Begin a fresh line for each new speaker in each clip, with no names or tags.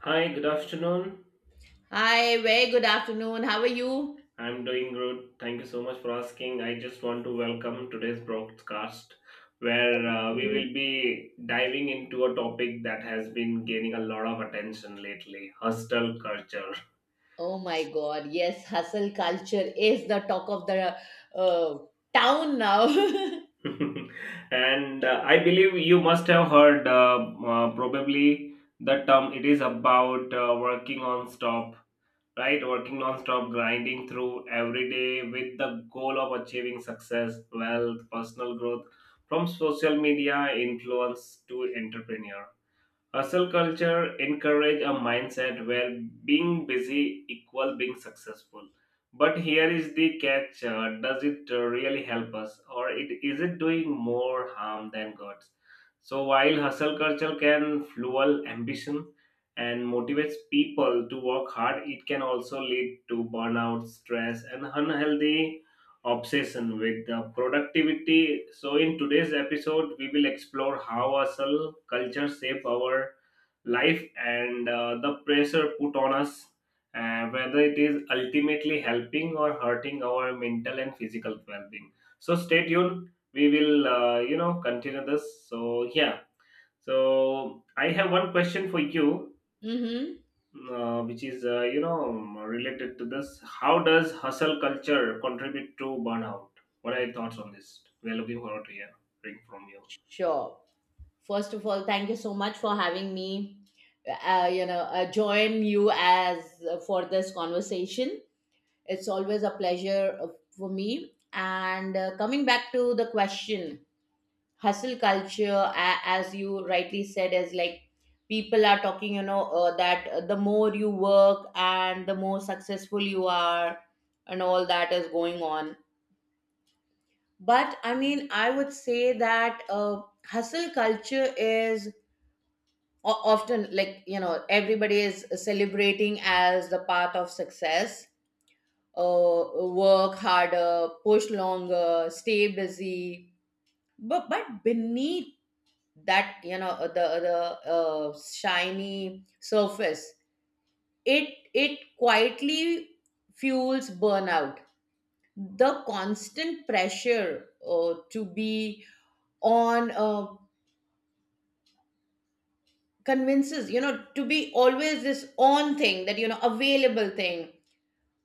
Hi, good afternoon.
Hi, very good afternoon. How are you?
I'm doing good. Thank you so much for asking. I just want to welcome today's broadcast where we
Mm.
will be diving into a topic that has been gaining a lot of attention lately, hostel culture.
Oh my God, yes, hustle culture is the talk of the uh, town now.
And I believe you must have heard probably the term it is about working on stop, right? Working non-stop, grinding through every day with the goal of achieving success, wealth, personal growth, from social media influence to entrepreneur. Hustle culture encourage a mindset where being busy equal being successful. But here is the catch: does it really help us, or it is it doing more harm than good? So while hustle culture can fuel ambition and motivates people to work hard, it can also lead to burnout, stress, and unhealthy obsession with the productivity. So, in today's episode, we will explore how hustle culture shape our life and the pressure put on us, whether it is ultimately helping or hurting our mental and physical well-being. So, stay tuned. We will, continue this. So, yeah. So, I have one question for you,
Mm-hmm.
which is related to this. How does hustle culture contribute to burnout? What are your thoughts on this? We're looking forward to hearing from you.
Sure. First of all, thank you so much for having me. Join you as for this conversation. It's always a pleasure for me. And coming back to the question, hustle culture as you rightly said is like people are talking, you know, that the more you work and the more successful you are, and all that is going on, but I mean, I would say that hustle culture is often, like, you know, everybody is celebrating as the path of success. uh, Work harder, push longer, stay busy, but beneath that, you know, the the shiny surface, it it quietly fuels burnout. The constant pressure to be on, convinces, you know, to be always this on thing, that, you know, available thing,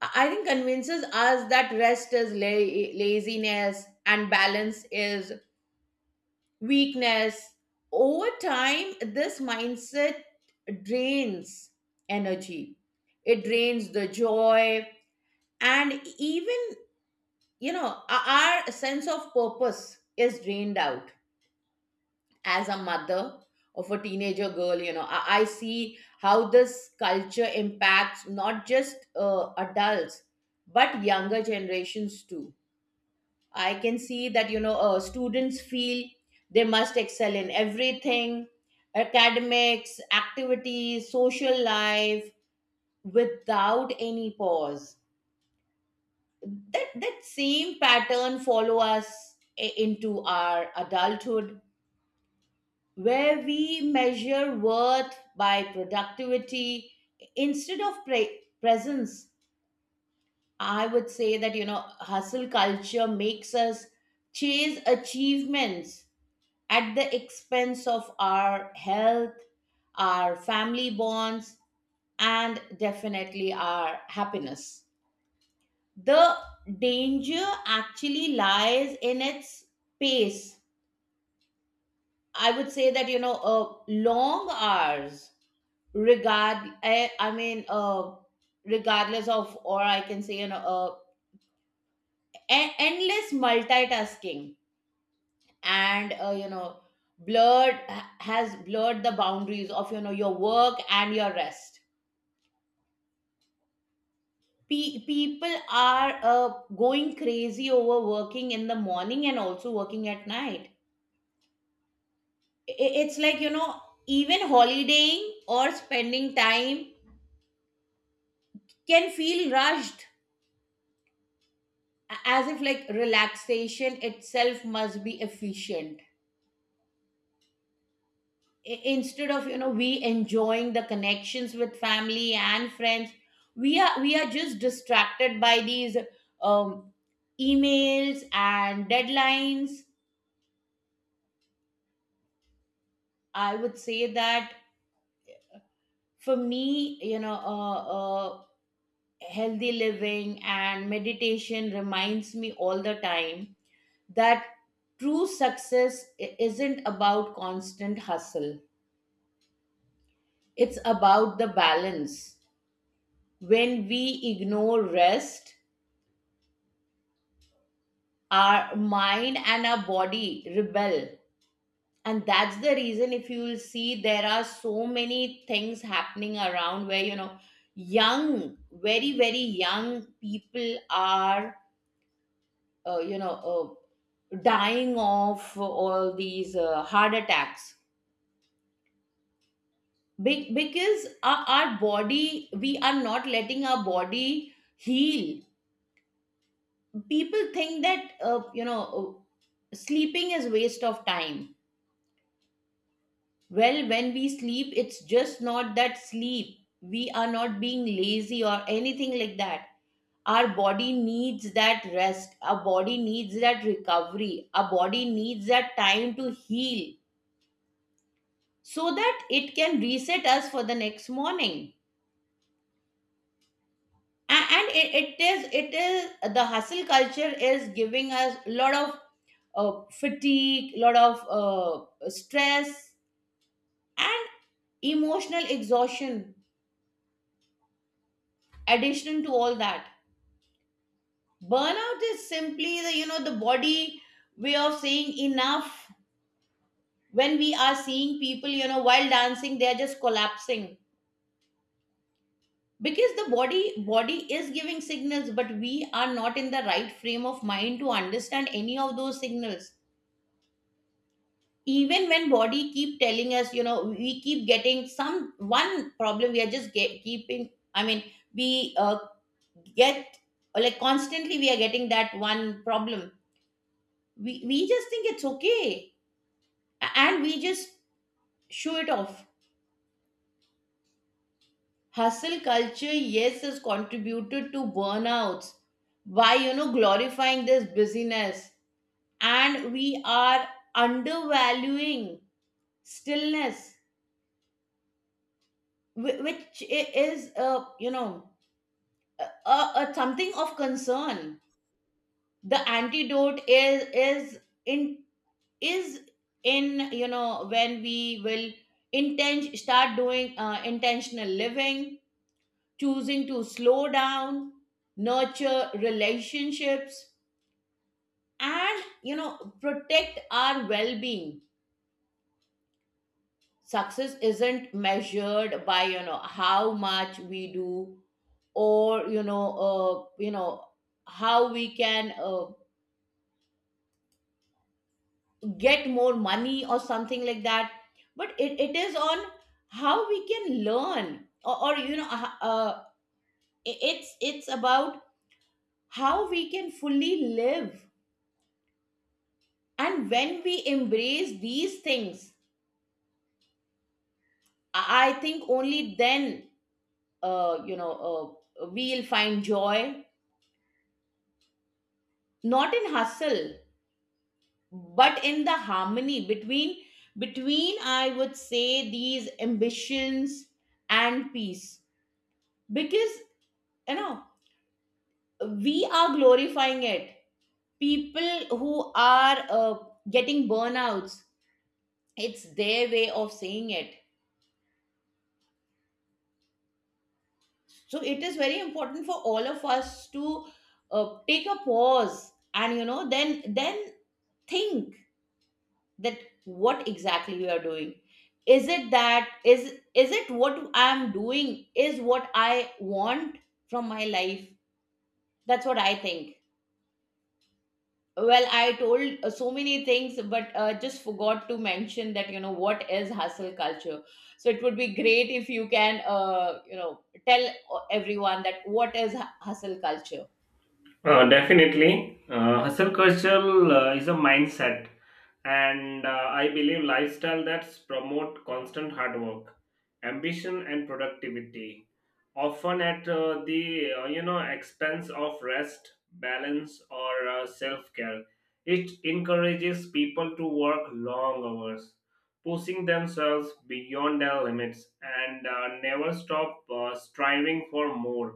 I think convinces us that rest is laziness and balance is weakness. Over time, this mindset drains energy, it drains the joy, and even, you know, our sense of purpose is drained out. As a mother of a teenager girl, you know, I see how this culture impacts not just adults, but younger generations too. I can see that, you know, students feel they must excel in everything: academics, activities, social life, without any pause. That same pattern follow us into our adulthood, where we measure worth by productivity instead of presence. I would say that, you know, hustle culture makes us chase achievements at the expense of our health, our family bonds, and definitely our happiness. The danger actually lies in its pace. I would say that, you know, long hours, regard, I, I mean, uh, regardless of, or I can say, you know, endless multitasking and, you know, blurred has blurred the boundaries of, you know, your work and your rest. People are going crazy over working in the morning and also working at night. It's like, you know, even holidaying or spending time can feel rushed, as if like relaxation itself must be efficient. Instead of, you know, we enjoying the connections with family and friends, we are just distracted by these um, emails and deadlines. I would say that for me, you know, healthy living and meditation reminds me all the time that true success isn't about constant hustle, it's about the balance. When we ignore rest, our mind and our body rebel, and that's the reason. If you will see, there are so many things happening around, where, you know, young, very very young people are, uh, you know uh, dying of all these heart attacks. Because our body, we are not letting our body heal. People think that, sleeping is waste of time. Well, when we sleep, it's just not that sleep. We are not being lazy or anything like that. Our body needs that rest. Our body needs that recovery. Our body needs that time to heal so that it can reset us for the next morning. A- And it, it is, The hustle culture is giving us a lot of fatigue, a lot of stress, and emotional exhaustion. Addition to all that, burnout is simply the, you know, the body way of saying enough. When we are seeing people, you know, while dancing they are just collapsing, because the body is giving signals, but we are not in the right frame of mind to understand any of those signals. Even when body keep telling us, you know, we keep getting some one problem, we are just keeping, I mean, we get, like, constantly we are getting that one problem, we just think it's okay. And we just show it off. Hustle culture, yes, has contributed to burnouts by, you know, glorifying this busyness. And we are undervaluing stillness, which is, a something of concern. The antidote in is in, you know, when we will start doing intentional living: choosing to slow down, nurture relationships, and, you know, protect our well-being. Success isn't measured by, you know, how much we do, or, you know, how we can get more money or something like that, but it is on how we can learn, or you know it's about how we can fully live. And when we embrace these things, I think only then, uh, you know uh, we'll find joy, not in hustle, but in the harmony between, I would say, these ambitions and peace. Because, you know, we are glorifying it. People who are getting burnouts, it's their way of saying it. So it is very important for all of us to take a pause, and, you know, then think that what exactly we are doing. Is it that, is it what I am doing is what I want from my life? That's what I think. Well, I told, so many things, but just forgot to mention that, you know, what is hustle culture. So it would be great if you can, tell everyone that what is hustle culture.
Definitely hustle culture is a mindset and I believe lifestyle that promote constant hard work, ambition and productivity, often at the expense of rest, balance or self-care. It encourages people to work long hours, pushing themselves beyond their limits and never stop striving for more,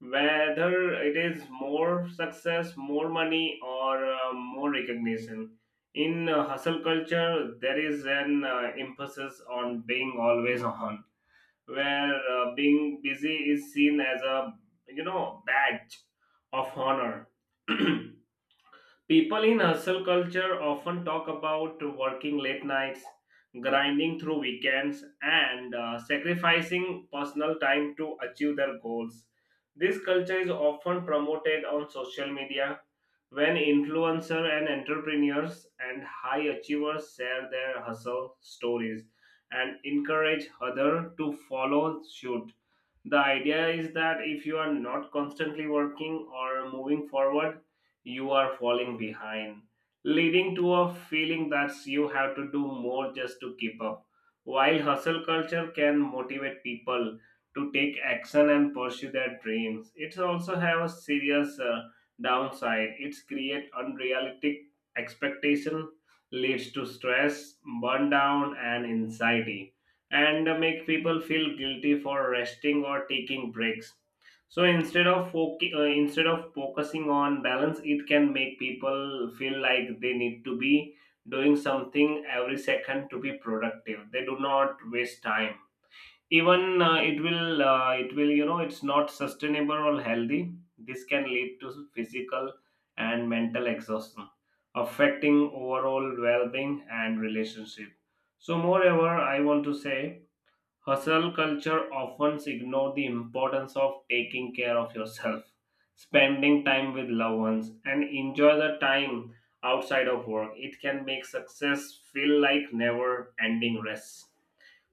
whether it is more success, more money, or more recognition. In hustle culture, there is an emphasis on being always on, where being busy is seen as a you know badge of honor. People in hustle culture often talk about working late nights, grinding through weekends, and sacrificing personal time to achieve their goals. This culture is often promoted on social media when influencers and entrepreneurs and high achievers share their hustle stories and encourage others to follow suit. The idea is that if you are not constantly working or moving forward, you are falling behind, leading to a feeling that you have to do more just to keep up. While hustle culture can motivate people to take action and pursue their dreams, it also have a serious downside. It's create unrealistic expectation, leads to stress, burnout, and anxiety, and make people feel guilty for resting or taking breaks. So instead of focusing on balance, it can make people feel like they need to be doing something every second to be productive. They do not waste time. Even it will you know it's not sustainable or healthy. This can lead to physical and mental exhaustion, affecting overall well-being and relationship. So moreover, I want to say hustle culture often ignores the importance of taking care of yourself, spending time with loved ones, and enjoy the time outside of work. It can make success feel like never ending race,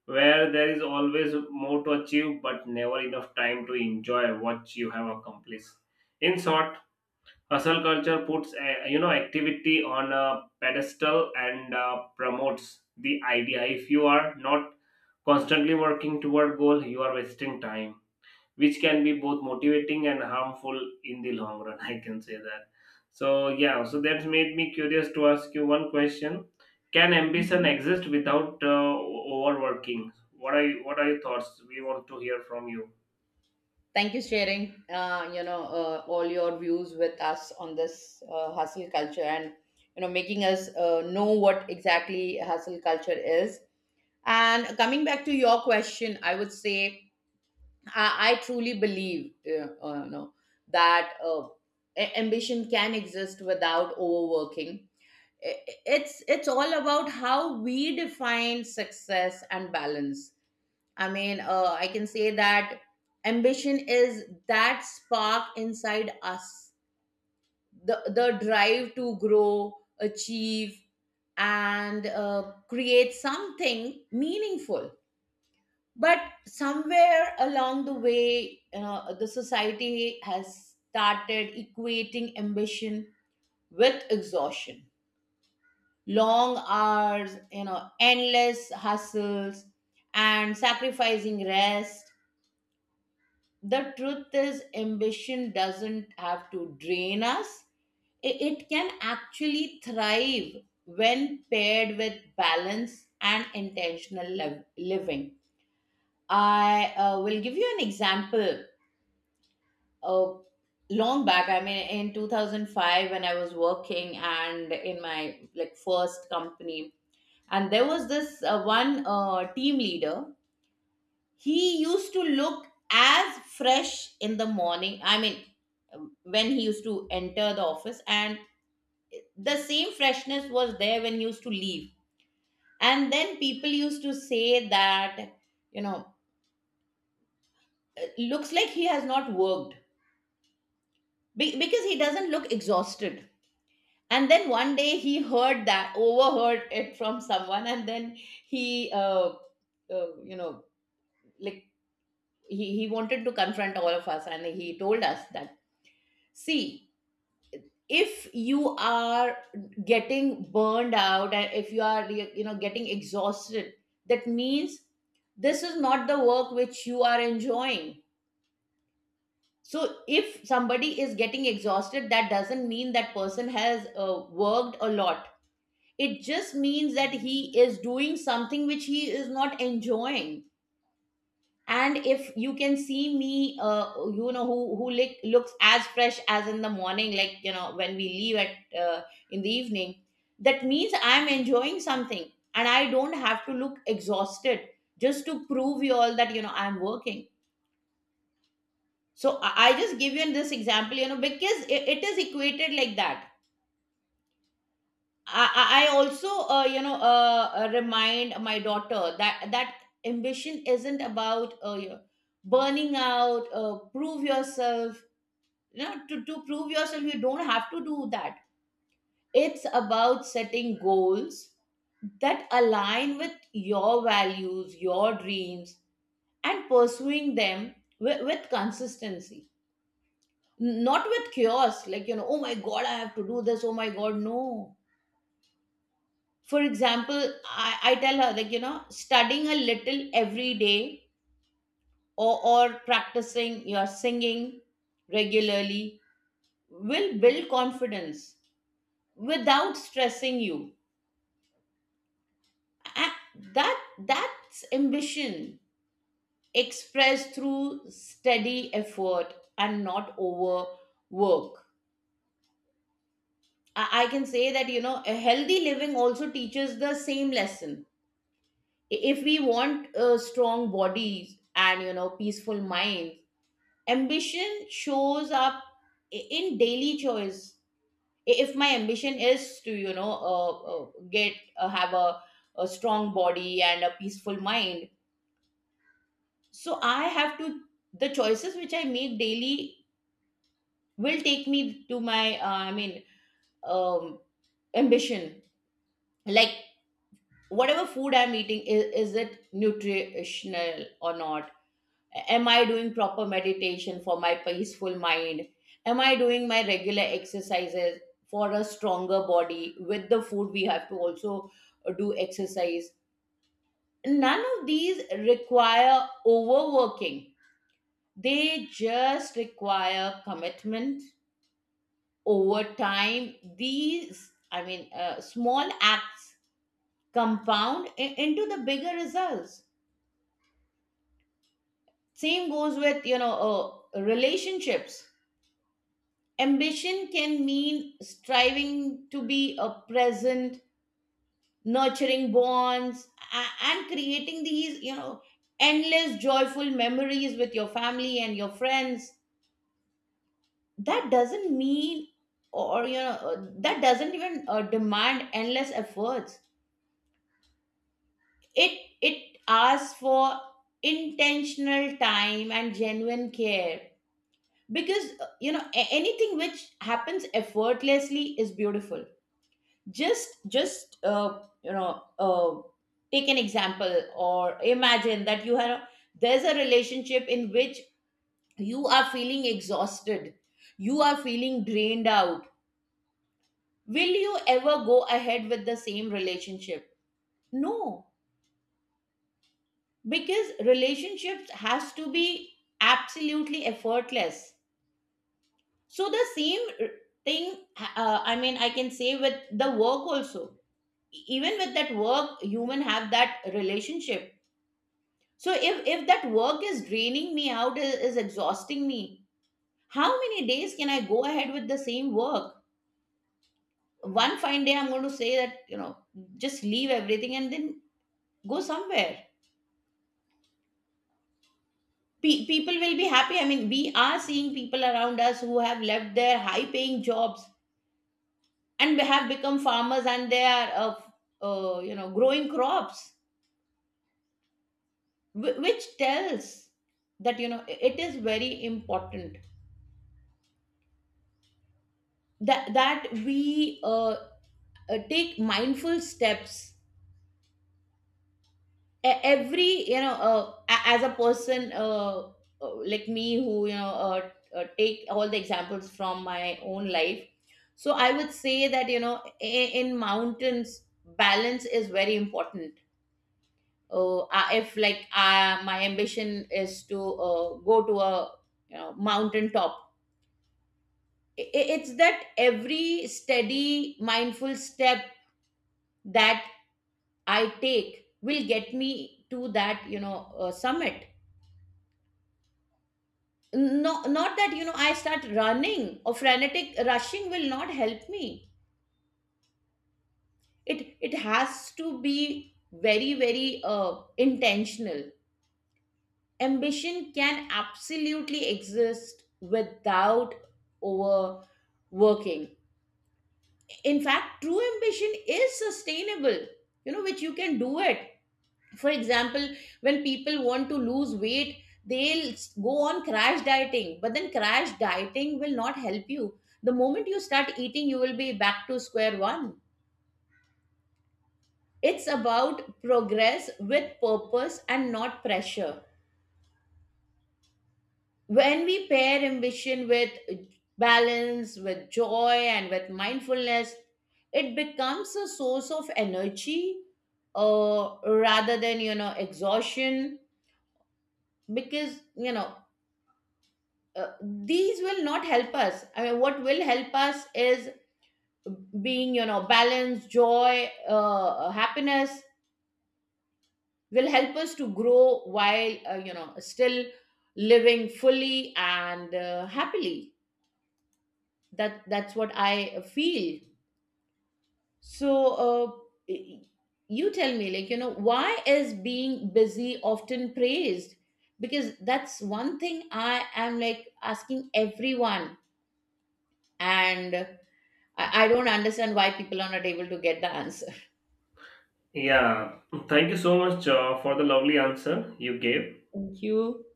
where there is always more to achieve but never enough time to enjoy what you have accomplished. In short, hustle culture puts activity on a pedestal and promotes the idea if you are not constantly working toward goal you are wasting time, which can be both motivating and harmful in the long run. I can say that. So yeah, so that's made me curious to ask you one question. Can ambition
Mhm.
exist without overworking? What are your thoughts? We want to hear from you.
Thank you sharing, all your views with us on this hustle culture and, you know, making us know what exactly hustle culture is. And coming back to your question, I would say, I truly believe, that ambition can exist without overworking. I- it's all about how we define success and balance. I mean, I can say that ambition is that spark inside us, the drive to grow, achieve, and create something meaningful. But somewhere along the way, the society has started equating ambition with exhaustion, long hours, you know, endless hustles, and sacrificing rest. The truth is, ambition doesn't have to drain us. It can actually thrive when paired with balance and intentional living. I will give you an example. Uh, Long back, I mean, in 2005, when I was working and in my like first company, and there was this one team leader. He used to look as fresh in the morning, I mean, when he used to enter the office, and the same freshness was there when he used to leave. And then people used to say that, you know, looks like he has not worked, because he doesn't look exhausted. And then one day he heard that, overheard it from someone, and then he, uh, you know like he wanted to confront all of us, and he told us that, see, if you are getting burned out, and if you are, you know, getting exhausted, that means this is not the work which you are enjoying. So if somebody is getting exhausted, that doesn't mean that person has worked a lot. It just means that he is doing something which he is not enjoying. And if you can see me, who looks as fresh as in the morning, like, you know, when we leave at, uh, in the evening, that means I'm enjoying something and I don't have to look exhausted just to prove you all that, you know, I'm working. So I just give you this example, you know, because it is equated like that. I also, remind my daughter that ambition isn't about, burning out prove yourself. You know, to prove yourself, you don't have to do that. It's about setting goals that align with your values, your dreams, and pursuing them with consistency, not with chaos, like, you know, oh my God, I have to do this, oh my God, no. For example, I tell her, like, you know, studying a little every day, or practicing your singing regularly, will build confidence without stressing you. A- that that's ambition, expressed through steady effort and not overwork. I can say that, you know, a healthy living also teaches the same lesson. If we want a strong bodies and, you know, peaceful minds, ambition shows up in daily choice. If my ambition is to, you know, get have a strong body and a peaceful mind, so I have to, the choices which I make daily will take me to my, I mean, um ambition, like, whatever food I'm eating is it nutritional or not? Am I doing proper meditation for my peaceful mind? Am I doing my regular exercises for a stronger body. With the food, we have to also do exercise. None of these require overworking. They just require commitment over time. These, small acts compound into the bigger results. Same goes with, relationships. Ambition can mean striving to be a present, nurturing bonds, and creating these, endless joyful memories with your family and your friends. That doesn't mean, or that doesn't even demand endless efforts. It asks for intentional time and genuine care, because anything which happens effortlessly is beautiful. Just take an example, or imagine that you have there's a relationship in which you are feeling exhausted, you are feeling drained out. Will you ever go ahead with the same relationship? No, because relationships has to be absolutely effortless. So the same thing, I can say with the work also. Even with that work, human have that relationship. So if that work is draining me out, is exhausting me, how many days can I go ahead with the same work? One fine day I'm going to say that, you know, just leave everything and then go somewhere. People will be happy. I mean, we are seeing people around us who have left their high-paying jobs, and they have become farmers, and they are, growing crops, which tells that, you know, it is very important that we take mindful steps e- every you know a- as a person, like me, who, take all the examples from my own life. So I would say that, you know, in mountains, balance is very important. If, my ambition is to go to a, you know, mountain top, it's that every steady mindful step that I take will get me to that, summit. No, not that, you know, I start running or frenetic rushing will not help me. It has to be very very intentional. Ambition can absolutely exist without overworking. In fact, true ambition is sustainable, you know, which you can do it. For example, when people want to lose weight, they'll go on crash dieting, but then crash dieting will not help you. The moment you start eating, you will be back to square one. It's about progress with purpose and not pressure. When we pair ambition with balance, with joy, and with mindfulness, it becomes a source of energy, rather than, you know, exhaustion. Because, you know, these will not help us. I mean, what will help us is being, you know, balance, joy, happiness, will help us to grow while, you know, still living fully and happily. That's what I feel. So uh, y- you tell me, like, you know, why is being busy often praised? Because that's one thing I am, like, asking everyone. And I don't understand why people are not able to get the answer.
Yeah, thank you so much for the lovely answer you gave.
Thank you.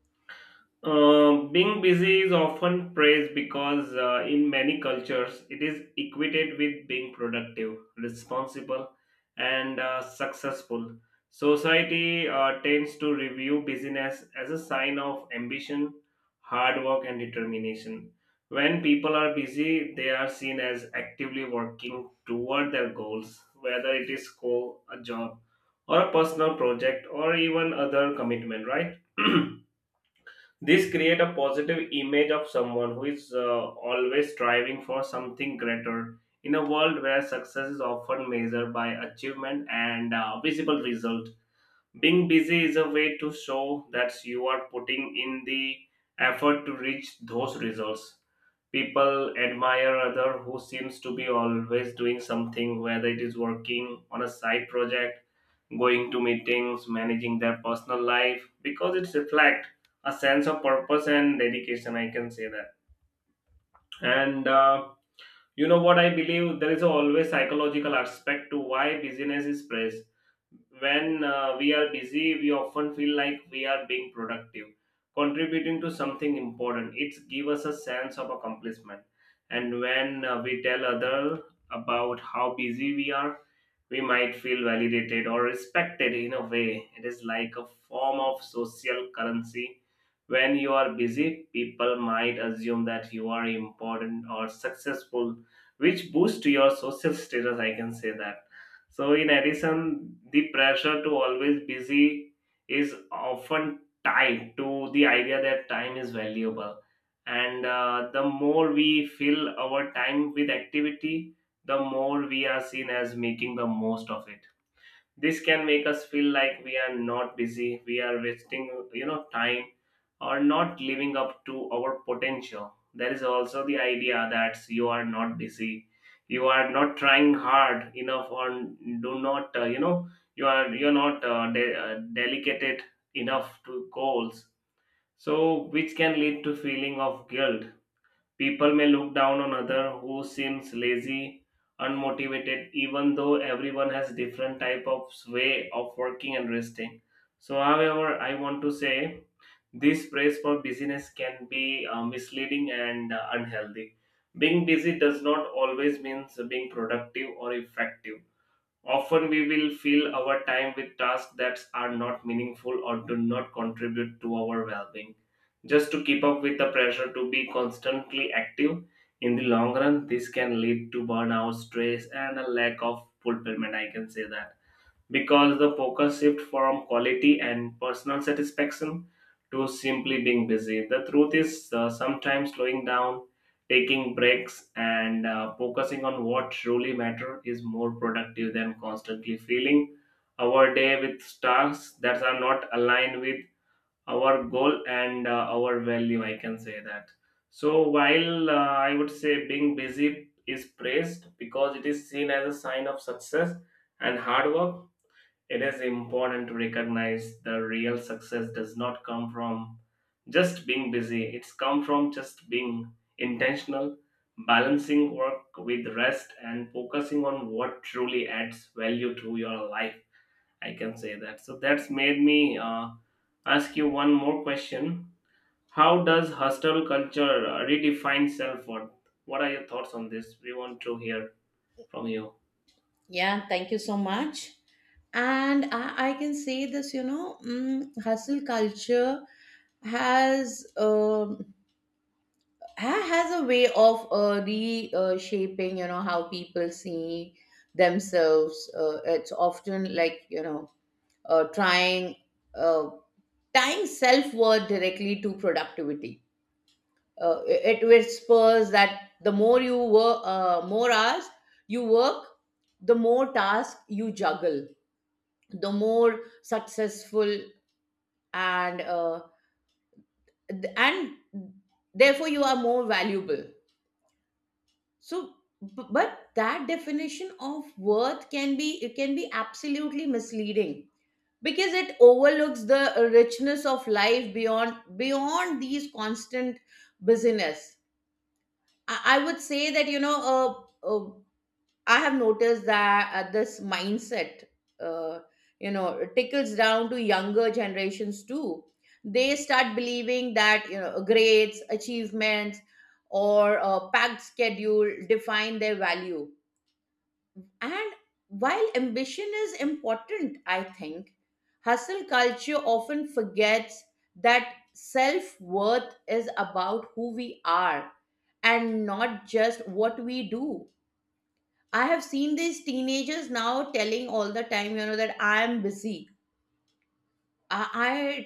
Being busy is often praised because in many cultures it is equated with being productive, responsible, and successful. Society tends to review busyness as a sign of ambition, hard work, and determination. When people are busy, they are seen as actively working toward their goals, whether it is school, a job, or a personal project, or even other commitment, right? This create a positive image of someone who is always striving for something greater. In a world where success is often measured by achievement and visible result, being busy is a way to show that you are putting in the effort to reach those results. People admire other who seems to be always doing something, whether it is working on a side project, going to meetings, managing their personal life, because it's reflect a sense of purpose and dedication. I can say that. And you know what I believe? There is always psychological aspect to why business is praised. When we are busy, we often feel like we are being productive, contributing to something important. It gives us a sense of accomplishment. And when we tell others about how busy we are, we might feel validated or respected in a way. It is like a form of social currency. When you are busy, people might assume that you are important or successful, which boosts your social status. I can say that. So in addition, the pressure to always busy is often tied to the idea that time is valuable. And the more we fill our time with activity, the more we are seen as making the most of it. This can make us feel like we are not busy, we are wasting you know time, or not living up to our potential. There is also the idea that you are not busy, you are not trying hard enough or do not you're not dedicated enough to goals, so which can lead to feeling of guilt. People may look down on other who seems lazy, unmotivated, even though everyone has different type of way of working and resting. So, however, I want to say this praise for busyness can be misleading and unhealthy. Being busy does not always means being productive or effective. Often we will fill our time with tasks that are not meaningful or do not contribute to our well being. Just to keep up with the pressure to be constantly active, in the long run, this can lead to burnout, stress, and a lack of fulfillment. I can say that because the focus shift from quality and personal satisfaction to simply being busy. The truth is, sometimes slowing down, taking breaks, and focusing on what truly matter is more productive than constantly filling our day with tasks that are not aligned with our goal and our value. I can say that. So while I would say being busy is praised because it is seen as a sign of success and hard work, it is important to recognize the real success does not come from just being busy. It's come from just being intentional, balancing work with rest and focusing on what truly adds value to your life. I can say that. So that's made me ask you one more question. How does hostel culture redefine self-worth? What are your thoughts on this? We want to hear from you.
Yeah, thank you so much. And I can say this, you know, hustle culture has has a way of shaping, you know, how people see themselves. It's often, like, you know, trying uh, tying self worth directly to productivity. It whispers that the more you work, more hours you work, the more tasks you juggle, the more successful and and therefore you are more valuable. So, but that definition of worth can be, it can be absolutely misleading, because it overlooks the richness of life beyond, these constant busyness. I would say that, I have noticed that, this mindset, uh, you know, tickles down to younger generations too. They start believing that, you know, grades, achievements, or a packed schedule define their value. And while ambition is important, I think hustle culture often forgets that self worth is about who we are and not just what we do. I have seen these teenagers now telling all the time, you know, that I am busy.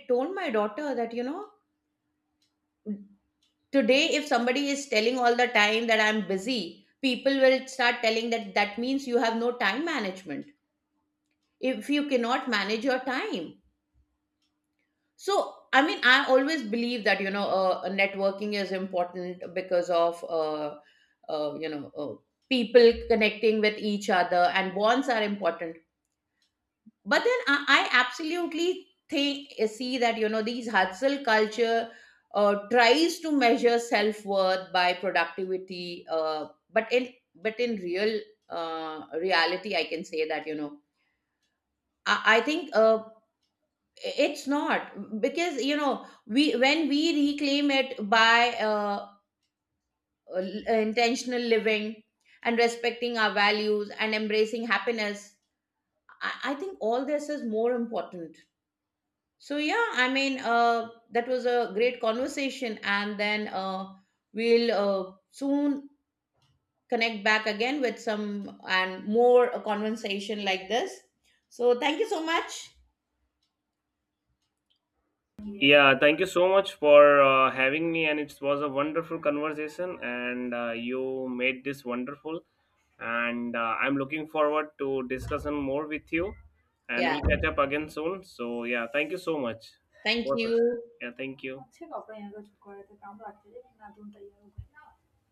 I told my daughter that, you know, today if somebody is telling all the time that I'm busy, people will start telling that, that means you have no time management if you cannot manage your time. So, I mean, I always believe that, you know, networking is important because of, uh, you know, uh, people connecting with each other, and bonds are important. But then I absolutely think, see that, you know, these hustle culture tries to measure self worth by productivity, but in real reality, I can say that, you know, I think, it's not because, you know, we when we reclaim it by, uh, intentional living and respecting our values and embracing happiness, I think all this is more important. So yeah, I mean, that was a great conversation, and then we'll soon connect back again with some and more a conversation like this. So thank you so much.
Yeah, thank you so much for having me, and it was a wonderful conversation, and you made this wonderful. And I'm looking forward to discussing more with you, and
Yeah,
we'll catch up again soon. So yeah, thank you so much.
thank
What's up?
you.
Yeah, thank you.